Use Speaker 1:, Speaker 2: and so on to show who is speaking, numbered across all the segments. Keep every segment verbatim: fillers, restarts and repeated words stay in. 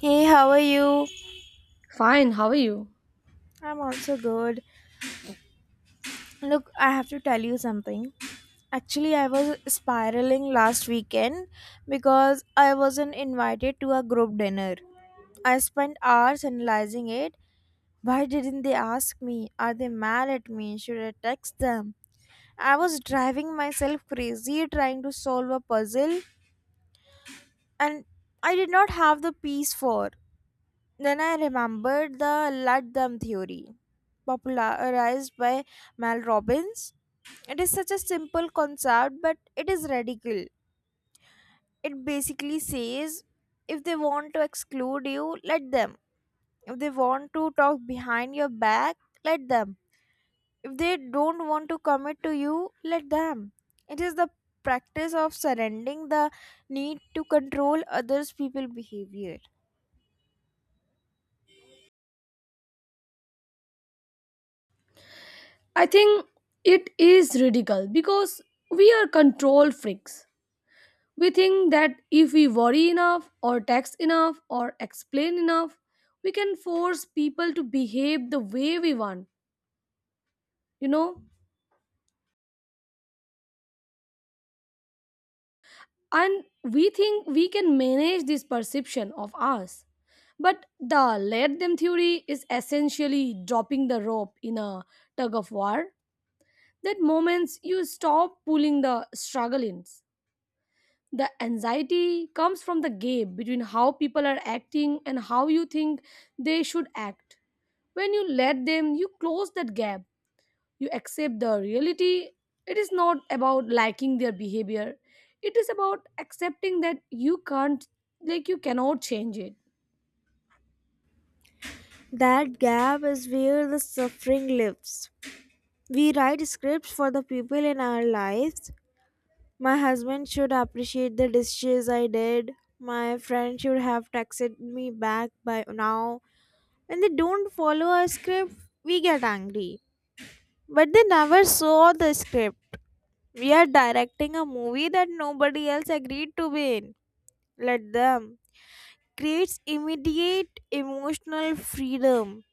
Speaker 1: Hey, how are you?
Speaker 2: Fine, how are you?
Speaker 1: I'm also good. Look, I have to tell you something. Actually, I was spiraling last weekend because I wasn't invited to a group dinner. I spent hours analyzing it. Why didn't they ask me? Are they mad at me? Should I text them? I was driving myself crazy trying to solve a puzzle and I did not have the piece for. Then I remembered the ludum theory, popularized by Mal Robbins. It is such a simple concept, but it is radical. It basically says if they want to exclude you, let them. If they want to talk behind your back, let them. If they don't want to commit to you, let them. It is the practice of surrendering the need to control others' people behavior.
Speaker 2: I think it is ridiculous because we are control freaks. We think that if we worry enough, or text enough, or explain enough, we can force people to behave the way we want, you know? And we think we can manage this perception of us. But the let them theory is essentially dropping the rope in a tug of war. That moments you stop pulling the struggle ins. The anxiety comes from the gap between how people are acting and how you think they should act. When you let them, you close that gap. You accept the reality. It is not about liking their behavior. It is about accepting that you can't, like, you cannot change it.
Speaker 1: That gap is where the suffering lives. We write scripts for the people in our lives. My husband should appreciate the dishes I did. My friend should have texted me back by now. When they don't follow our script, we get angry. But they never saw the script. We are directing a movie that nobody else agreed to be in. Let them. Creates immediate emotional freedom.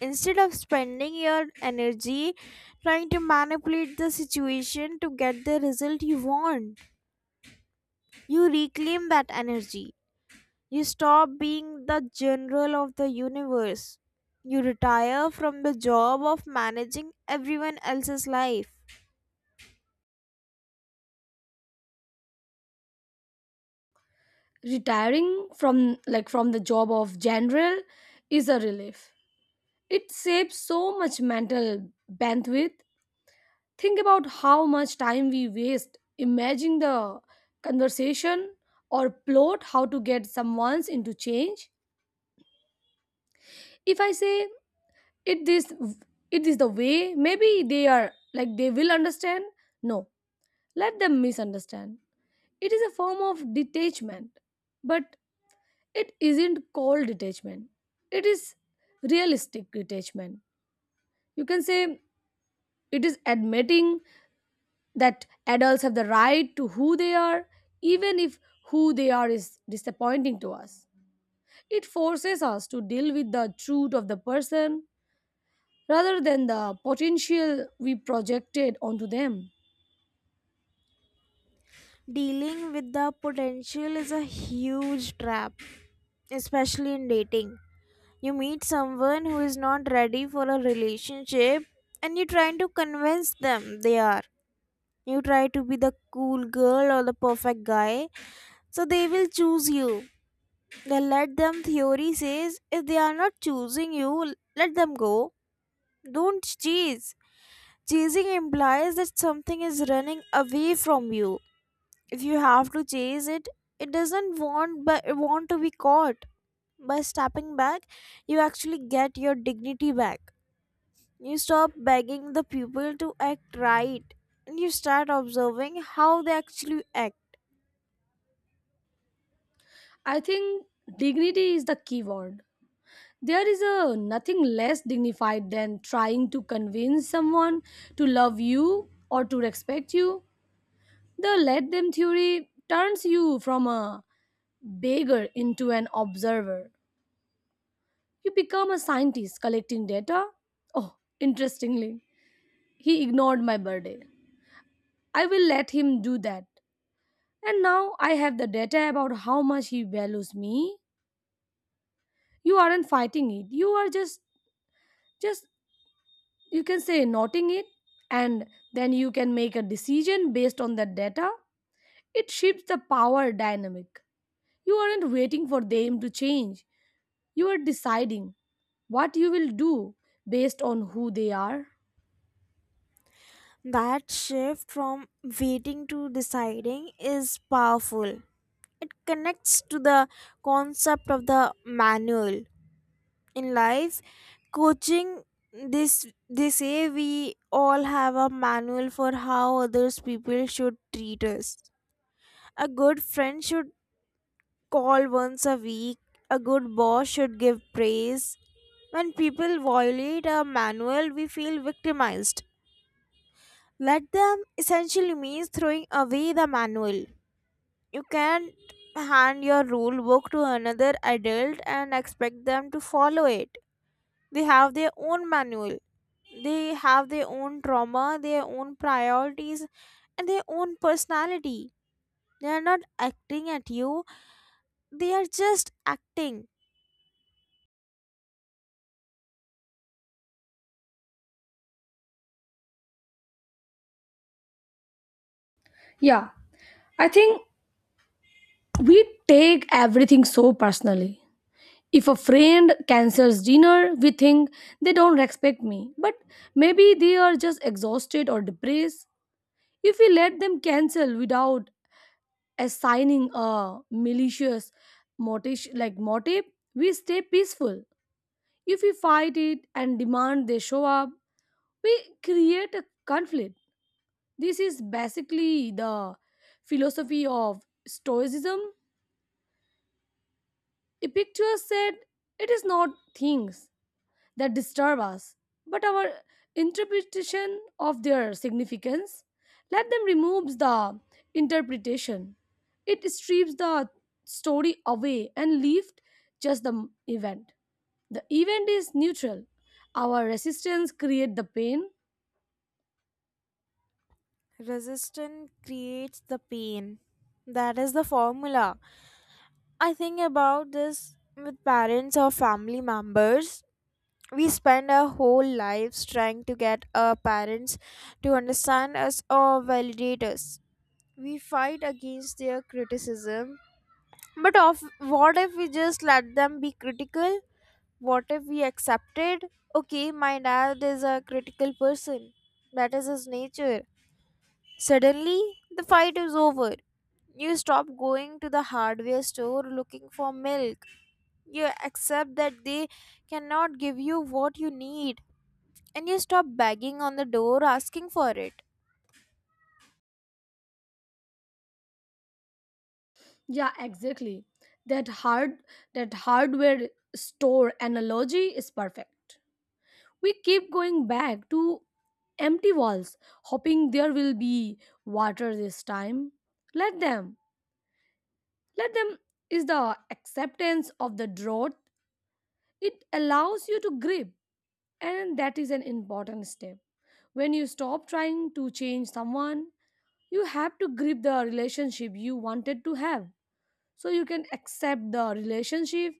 Speaker 1: Instead of spending your energy trying to manipulate the situation to get the result you want, you reclaim that energy. You stop being the general of the universe. You retire from the job of managing everyone else's life.
Speaker 2: Retiring from like from the job of general is a relief. It saves so much mental bandwidth. Think about how much time we waste imagining the conversation or plot how to get someone's into change. If I say it this, it is the way, maybe they are like they will understand. No, let them misunderstand. It is a form of detachment, but it isn't called detachment. It is realistic detachment. You can say it is admitting that adults have the right to who they are, even if who they are is disappointing to us. It forces us to deal with the truth of the person rather than the potential we projected onto them.
Speaker 1: Dealing with the potential is a huge trap, especially in dating. You meet someone who is not ready for a relationship and you're trying to convince them they are. You try to be the cool girl or the perfect guy so they will choose you. Then let them theory says, if they are not choosing you, let them go. Don't chase. Chasing implies that something is running away from you. If you have to chase it, it doesn't want but want to be caught. By stepping back, you actually get your dignity back. You stop begging the people to act right, and you start observing how they actually act.
Speaker 2: I think dignity is the key word. There is a nothing less dignified than trying to convince someone to love you or to respect you. The let them theory turns you from a beggar into an observer. You become a scientist collecting data. Oh, interestingly, he ignored my birthday. I will let him do that. And now I have the data about how much he values me. You aren't fighting it. You are just, just, you can say noting it. And then you can make a decision based on that data. It shifts the power dynamic. You aren't waiting for them to change. You are deciding what you will do based on who they are.
Speaker 1: That shift from waiting to deciding is powerful. It connects to the concept of the manual. In life, coaching, this they say we all have a manual for how others people should treat us. A good friend should call once a week. A good boss should give praise. When people violate a manual, we feel victimized. Let them essentially means throwing away the manual. You can't hand your rule book to another adult and expect them to follow it. They have their own manual, they have their own trauma, their own priorities, and their own personality. They are not acting at you, they are just acting.
Speaker 2: Yeah, I think we take everything so personally. If a friend cancels dinner, we think they don't respect me, but maybe they are just exhausted or depressed. If we let them cancel without assigning a malicious motive, like motive, we stay peaceful. If we fight it and demand they show up, we create a conflict. This is basically the philosophy of Stoicism. Epictetus said, "It is not things" that disturb us, but our interpretation of their significance. Let them remove the interpretation. It strips the story away and left just the event. The event is neutral. Our resistance create the pain.
Speaker 1: Resistance creates the pain. That is the formula. I think about this with parents or family members. We spend our whole lives trying to get our parents to understand us or validate us. We fight against their criticism. But of what if we just let them be critical? What if we accepted? Okay, my dad is a critical person. That is his nature. Suddenly, the fight is over. You stop going to the hardware store looking for milk. You accept that they cannot give you what you need, and you stop banging on the door asking for it.
Speaker 2: Yeah, exactly. That hard that hardware store analogy is perfect. We keep going back to empty walls, hoping there will be water this time. Let them. Let them is the acceptance of the drought. It allows you to grip, and that is an important step. When you stop trying to change someone, you have to grip the relationship you wanted to have so you can accept the relationship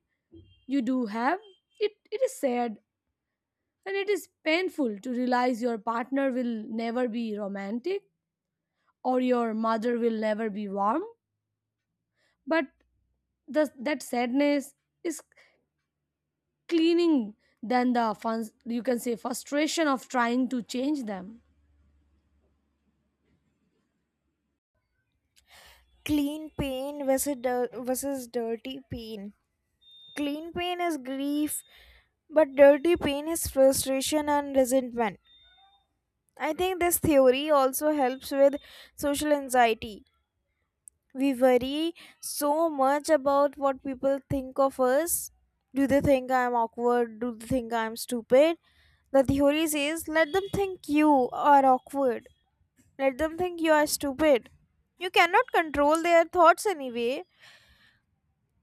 Speaker 2: you do have. It it is sad. And it is painful to realize your partner will never be romantic or your mother will never be warm. But the, that sadness is cleaning than the fun, you can say frustration of trying to change them.
Speaker 1: Clean pain versus, dir- versus dirty pain. Clean pain is grief, but dirty pain is frustration and resentment. I think this theory also helps with social anxiety. We worry so much about what people think of us. Do they think I'm awkward? Do they think I'm stupid? The theory says let them think you are awkward. Let them think you are stupid. You cannot control their thoughts anyway.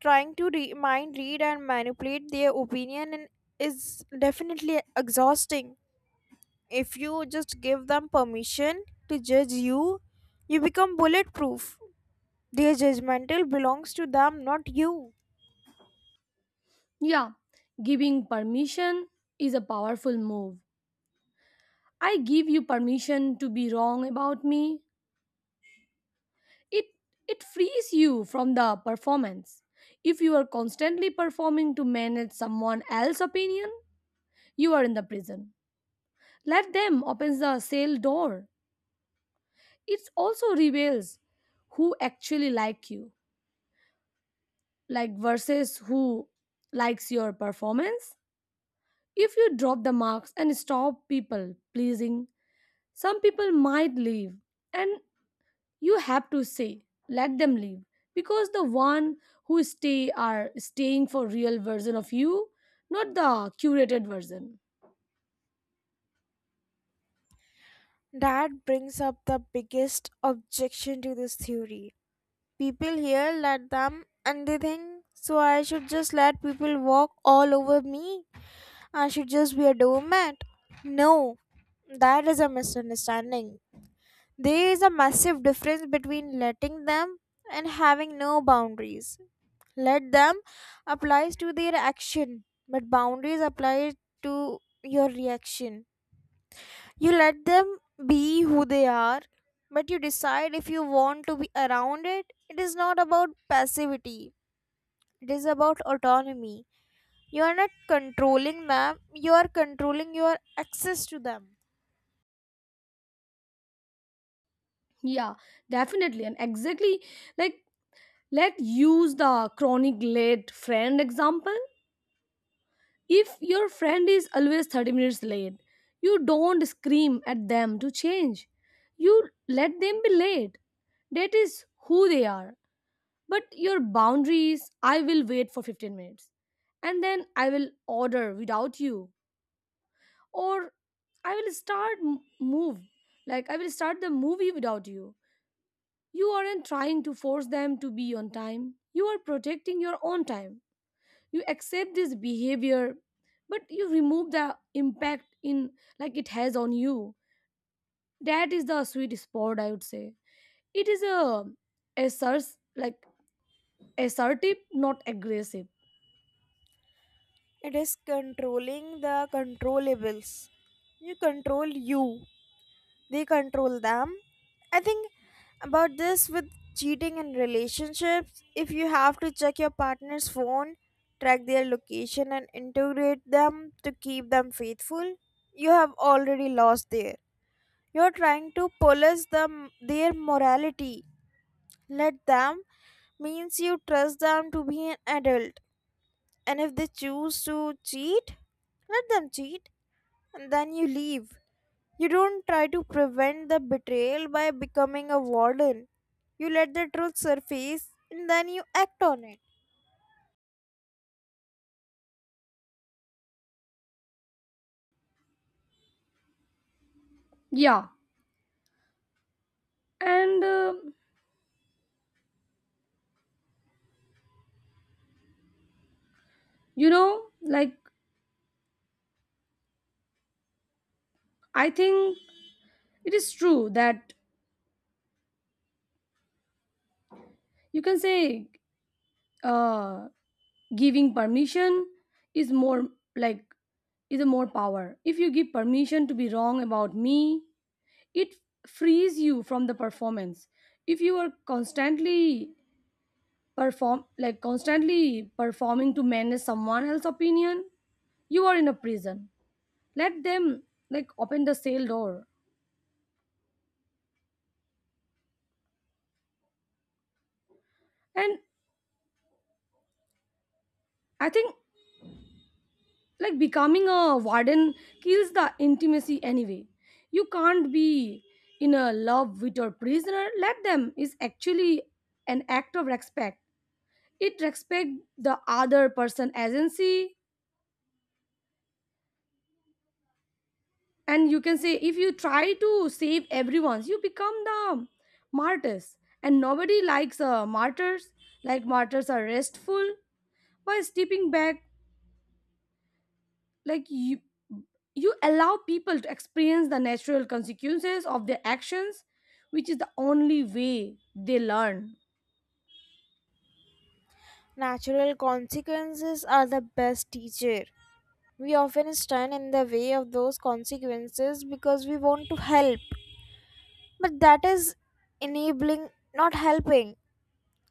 Speaker 1: Trying to re- mind read and manipulate their opinion in- is definitely exhausting. If you just give them permission to judge you, you become bulletproof. Their judgmental belongs to them, not you.
Speaker 2: Yeah, giving permission is a powerful move. I give you permission to be wrong about me. It it frees you from the performance. If you are constantly performing to manage someone else's opinion, you are in the prison. Let them open the cell door. It also reveals who actually like you, like versus who likes your performance. If you drop the marks and stop people pleasing, some people might leave, and you have to say, let them leave, because the one who stay are staying for real version of you, not the curated version.
Speaker 1: That brings up the biggest objection to this theory. People here let them and they think, so I should just let people walk all over me. I should just be a doormat. No, that is a misunderstanding. There is a massive difference between letting them and having no boundaries. Let them applies to their action, but boundaries apply to your reaction. You let them be who they are, but you decide if you want to be around it. It is not about passivity, it is about autonomy. You are not controlling them, you are controlling your access to them.
Speaker 2: Yeah, definitely, and exactly. Like, let's use the chronic late friend example. If your friend is always thirty minutes late, you don't scream at them to change. You let them be late. That is who they are. But your boundaries, I will wait for fifteen minutes and then I will order without you. Or I will start m- move. Like, I will start the movie without you. You aren't trying to force them to be on time. You are protecting your own time. You accept this behavior, but you remove the impact in, like, it has on you. That is the sweet spot, I would say. It is a asserts like assertive, not aggressive.
Speaker 1: It is controlling the controllables. You control you, they control them. I think about this with cheating in relationships. If you have to check your partner's phone, track their location, and integrate them to keep them faithful, you have already lost there. You're trying to police them, their morality. Let them means you trust them to be an adult. And if they choose to cheat, let them cheat and then you leave. You don't try to prevent the betrayal by becoming a warden. You let the truth surface and then you act on it.
Speaker 2: Yeah, and uh, you know like I think it is true that you can say uh giving permission is more, like, is a more power. If you give permission to be wrong about me, it frees you from the performance. If you are constantly perform like constantly performing to manage someone else's opinion, you are in a prison. Let them, like, open the cell door. And I think, like, becoming a warden kills the intimacy anyway. You can't be in a love with your prisoner. Let them is actually an act of respect. It respect the other person agency. And you can say if you try to save everyone's, you become the martyrs, and nobody likes uh, martyrs. Like, martyrs are restful. By stepping back, like, you you allow people to experience the natural consequences of their actions, which is the only way they learn.
Speaker 1: Natural consequences are the best teacher. We often stand in the way of those consequences because we want to help. But that is enabling, not helping.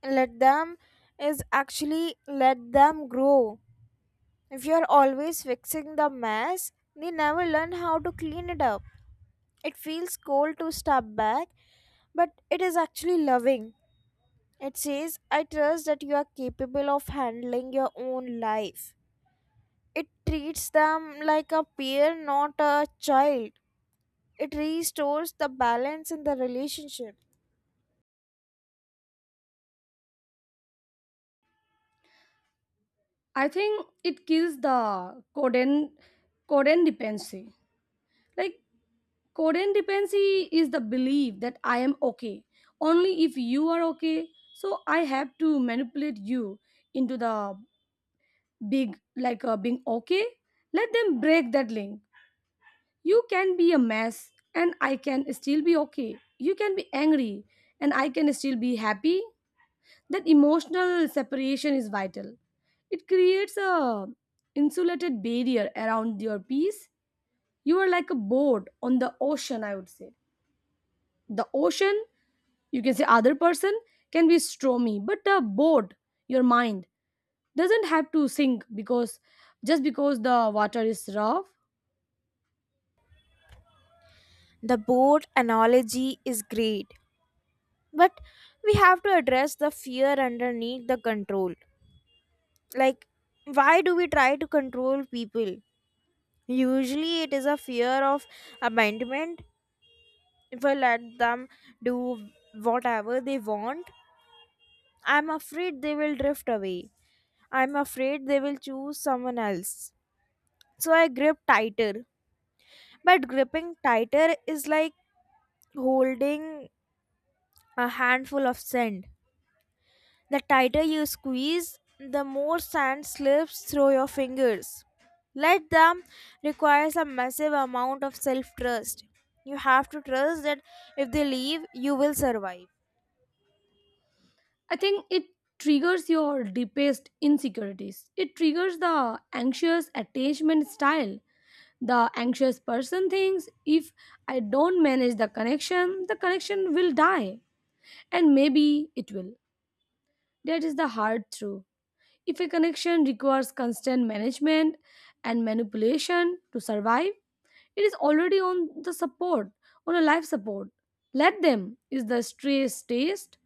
Speaker 1: Let them is actually let them grow. If you're always fixing the mess, they never learn how to clean it up. It feels cold to step back, but it is actually loving. It says, I trust that you are capable of handling your own life. It treats them like a peer, not a child. It restores the balance in the relationship.
Speaker 2: I think it kills the coden codependency. Like, codependency is the belief that I am okay only if you are okay. So I have to manipulate you into the big, like uh, being okay. Let them break that link. You can be a mess and I can still be okay. You can be angry and I can still be happy. That emotional separation is vital. It creates a insulated barrier around your peace. You are like a boat on the ocean, I would say. The ocean, you can say other person, can be stormy, but a boat, your mind, doesn't have to sink because just because the water is rough.
Speaker 1: The boat analogy is great, but we have to address the fear underneath the control. Like, why do we try to control people? Usually it is a fear of abandonment. If I let them do whatever they want, I'm afraid they will drift away. I'm afraid they will choose someone else, so I grip tighter. But gripping tighter is like holding a handful of sand. The tighter you squeeze, the more sand slips through your fingers. Let them requires a massive amount of self trust. You have to trust that if they leave, you will survive.
Speaker 2: I think it triggers your deepest insecurities. It triggers the anxious attachment style. The anxious person thinks if I don't manage the connection, the connection will die. And maybe it will. That is the hard truth. If a connection requires constant management and manipulation to survive, it is already on the support, on a life support. Let them is the stress test.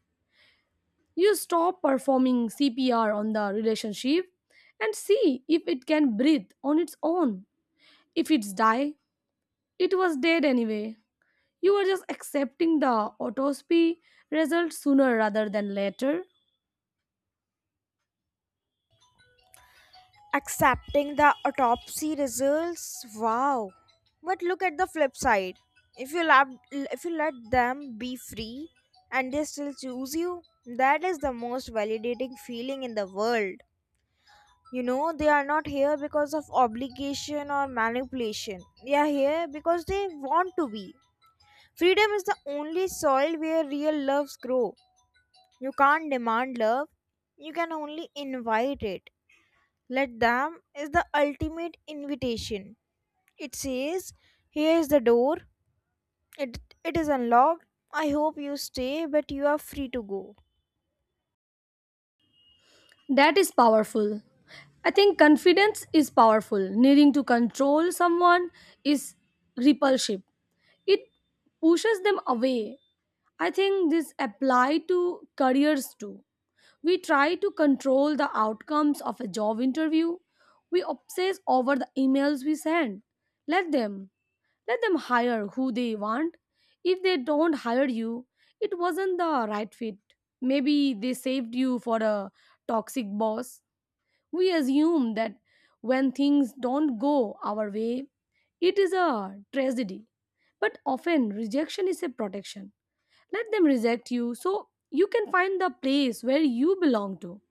Speaker 2: You stop performing C P R on the relationship and see if it can breathe on its own. If it's die, it was dead anyway. You are just accepting the autopsy result sooner rather than later.
Speaker 1: Accepting the autopsy results, wow. But look at the flip side. If you lab, if you let them be free and they still choose you, that is the most validating feeling in the world. You know, they are not here because of obligation or manipulation. They are here because they want to be. Freedom is the only soil where real loves grow. You can't demand love, you can only invite it. Let them is the ultimate invitation. It says, here is the door, it, it is unlocked. I hope you stay, but you are free to go.
Speaker 2: That is powerful. I think confidence is powerful. Needing to control someone is repulsive. It pushes them away. I think this apply to careers too. We try to control the outcomes of a job interview. We obsess over the emails we send. Let them. Let them hire who they want. If they don't hire you, it wasn't the right fit. Maybe they saved you for a toxic boss. We assume that when things don't go our way, it is a tragedy. But often, rejection is a protection. Let them reject you so you can find the place where you belong to.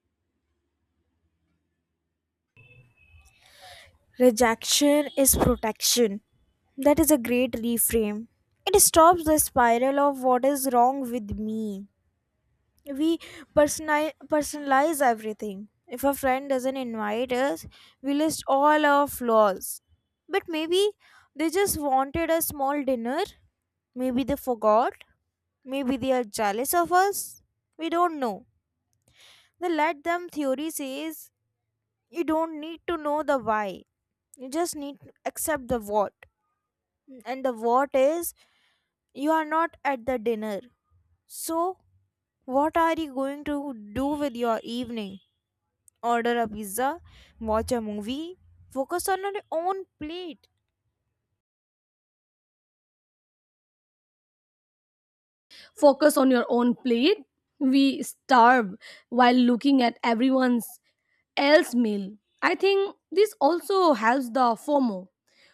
Speaker 1: Rejection is protection. That is a great reframe. It stops the spiral of what is wrong with me. We personali- personalize everything. If a friend doesn't invite us, we list all our flaws. But maybe they just wanted a small dinner. Maybe they forgot. Maybe they are jealous of us. We don't know. The let them theory says you don't need to know the why. You just need to accept the what. And the what is, you are not at the dinner. So, what are you going to do with your evening? Order a pizza, watch a movie, focus on your own plate.
Speaker 2: Focus on your own plate. We starve while looking at everyone's else meal. I think this also helps the FOMO,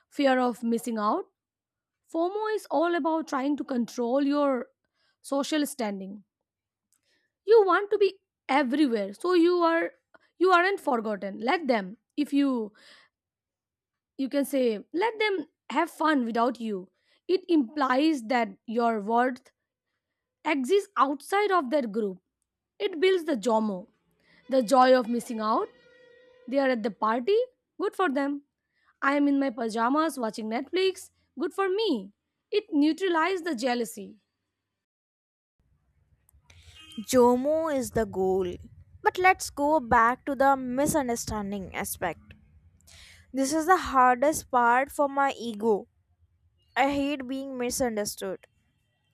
Speaker 2: fear of missing out. FOMO is all about trying to control your social standing. You want to be everywhere so you are you aren't forgotten. Let them, if you you can say let them have fun without you. It implies that your worth exists outside of that group. It builds the jomo, the joy of missing out. They are at the party, good for them. I am in my pajamas watching netflix, good for me. It neutralizes the jealousy.
Speaker 1: Jomo is the goal. But let's go back to the misunderstanding aspect. This is the hardest part for my ego. I hate being misunderstood.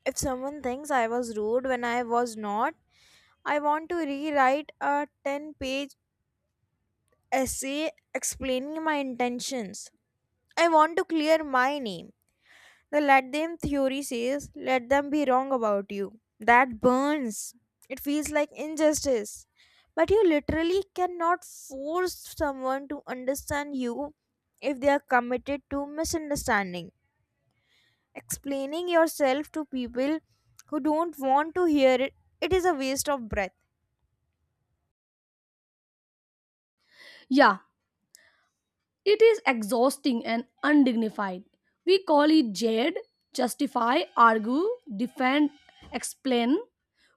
Speaker 1: If someone thinks I was rude when I was not, I want to rewrite a ten page essay explaining my intentions. I want to clear my name. The let them theory says, let them be wrong about you. That burns. It feels like injustice. But you literally cannot force someone to understand you if they are committed to misunderstanding. Explaining yourself to people who don't want to hear it, it is a waste of breath.
Speaker 2: Yeah, it is exhausting and undignified. We call it jade, justify, argue, defend, explain.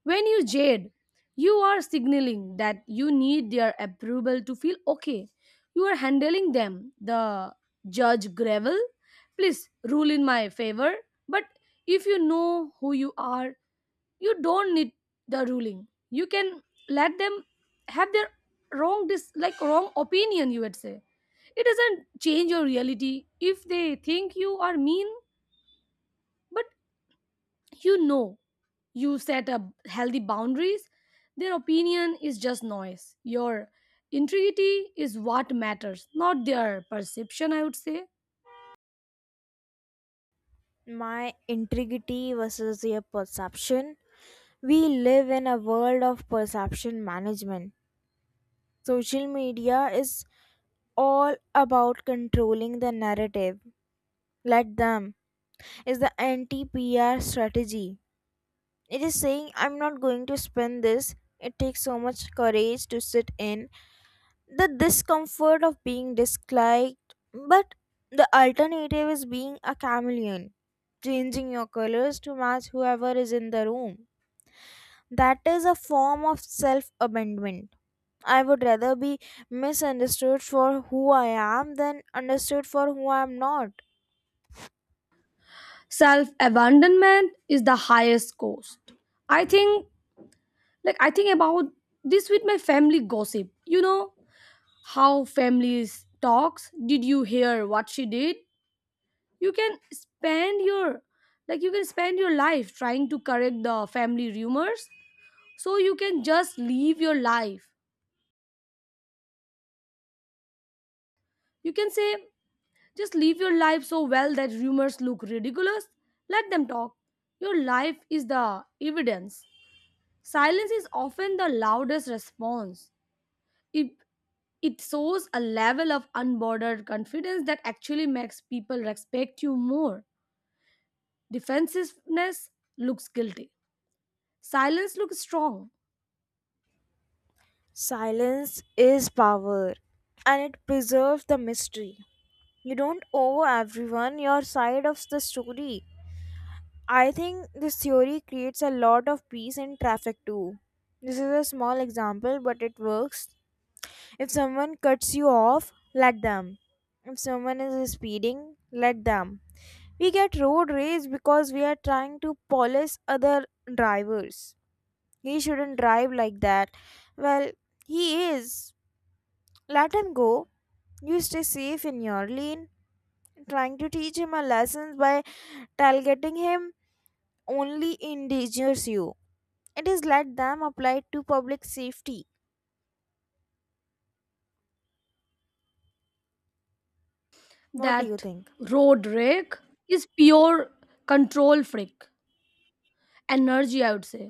Speaker 2: When you jade, you are signaling that you need their approval to feel okay. You are handling them. The judge gravel, please rule in my favor. But if you know who you are, you don't need the ruling. You can let them have their wrong dis- like wrong opinion, you would say. It doesn't change your reality if they think you are mean, but you know you set up healthy boundaries. Their opinion is just noise. Your integrity is what matters, not their perception, I would say.
Speaker 1: My integrity versus their perception. We live in a world of perception management. Social media is all about controlling the narrative. Let them is the anti P R strategy. It is saying, I'm not going to spend this. It takes so much courage to sit in the discomfort of being disliked, but the alternative is being a chameleon, changing your colors to match whoever is in the room. That is a form of self abandonment. I would rather be misunderstood for who I am than understood for who I am not.
Speaker 2: Self abandonment is the highest cost. I think, like, I think about this with my family gossip. You know how families talks. Did you hear what she did? you can spend your like you can spend your life trying to correct the family rumors, so you can just live your life. You can say just live your life so well that rumors look ridiculous. Let them talk. Your life is the evidence. Silence is often the loudest response. It it shows a level of unbordered confidence that actually makes people respect you more. Defensiveness looks guilty. Silence looks strong.
Speaker 1: Silence is power and it preserves the mystery. You don't owe everyone your side of the story. I think this theory creates a lot of peace in traffic too. This is a small example, but it works. If someone cuts you off, let them. If someone is speeding, let them. We get road rage because we are trying to police other drivers. He shouldn't drive like that. Well, he is. Let him go. You stay safe in your lane. Trying to teach him a lesson by tailgating him only endangers you. It is let them apply to public safety. What do you
Speaker 2: That
Speaker 1: think?
Speaker 2: road rake is pure control freak energy, I would say.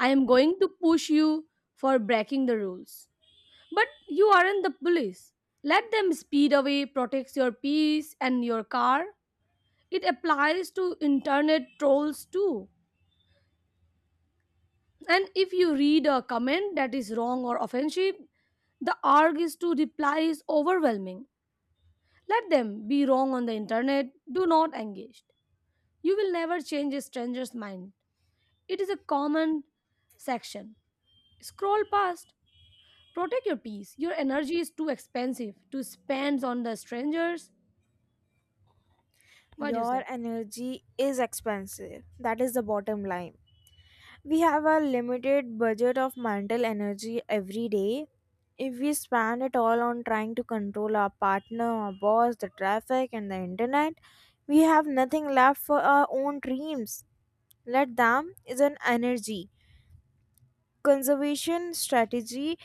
Speaker 2: I am going to push you for breaking the rules, but you aren't the police. Let them speed away protects your peace and your car. It applies to internet trolls too. And if you read a comment that is wrong or offensive, the arg is to reply is overwhelming. Let them be wrong on the internet. Do not engage. You will never change a stranger's mind. It is a common section. Scroll past. Protect your peace. Your energy is too expensive to spend on the strangers. What do you
Speaker 1: Your
Speaker 2: say?
Speaker 1: energy is expensive. That is the bottom line. We have a limited budget of mental energy every day. If we spend it all on trying to control our partner, our boss, the traffic, and the internet, we have nothing left for our own dreams. Let them is an energy conservation strategy.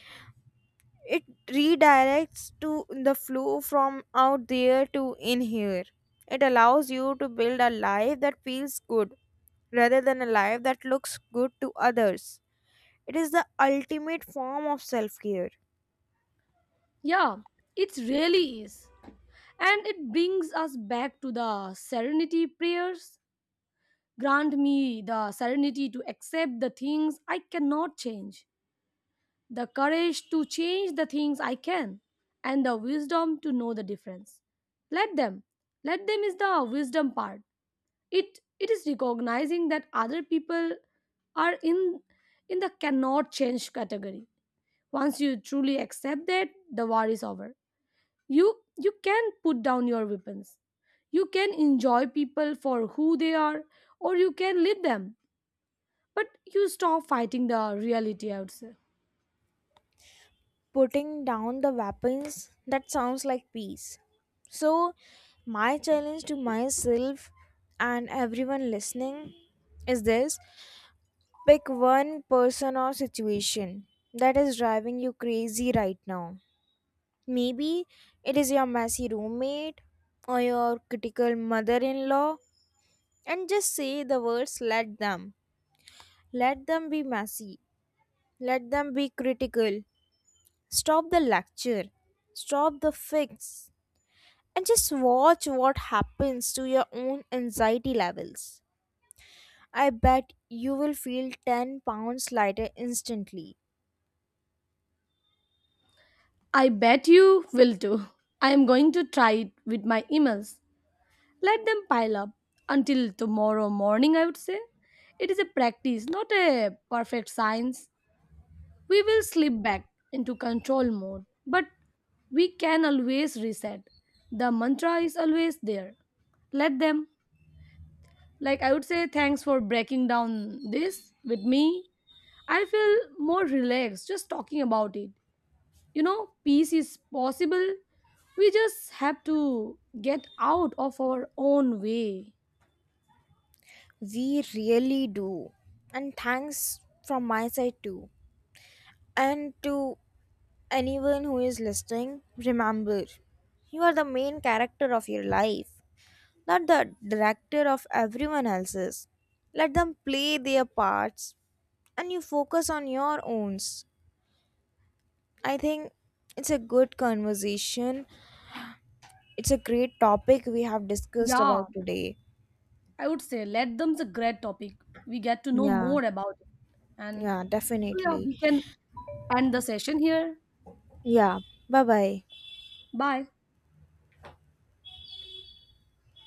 Speaker 1: It redirects to the flow from out there to in here. It allows you to build a life that feels good rather than a life that looks good to others. It is the ultimate form of self care.
Speaker 2: Yeah, it really is. And it brings us back to the serenity prayers. Grant me the serenity to accept the things I cannot change, the courage to change the things I can, and the wisdom to know the difference. Let them. Let them is the wisdom part. It it is recognizing that other people are in in the cannot change category. Once you truly accept that, the war is over. You you can put down your weapons. You can enjoy people for who they are, or you can leave them. But you stop fighting the reality, I would say.
Speaker 1: Putting down the weapons, that sounds like peace. So my challenge to myself and everyone listening is this: pick one person or situation that is driving you crazy right now. Maybe it is your messy roommate or your critical mother-in-law, and just say the words, let them. Let them be messy, let them be critical. Stop the lecture, stop the fix, and just watch what happens to your own anxiety levels. I bet you will feel ten pounds lighter instantly.
Speaker 2: I bet you will do. I am going to try it with my emails. Let them pile up until tomorrow morning, I would say. It is a practice, not a perfect science. We will slip back into control mode, but we can always reset. The mantra is always there. Let them. Like, I would say, thanks for breaking down this with me. I feel more relaxed just talking about it. You know, peace is possible. We just have to get out of our own way.
Speaker 1: We really do. And thanks from my side too. And to anyone who is listening, remember you are the main character of your life, not the director of everyone else's. Let them play their parts and you focus on your owns. I think it's a good conversation. It's a great topic we have discussed
Speaker 2: Yeah,
Speaker 1: about today.
Speaker 2: I would say let them's a great topic. We get to know
Speaker 1: Yeah,
Speaker 2: more about it. And
Speaker 1: yeah,
Speaker 2: so, yeah,
Speaker 1: definitely.
Speaker 2: we can end the session here.
Speaker 1: Yeah, bye bye.
Speaker 2: Bye.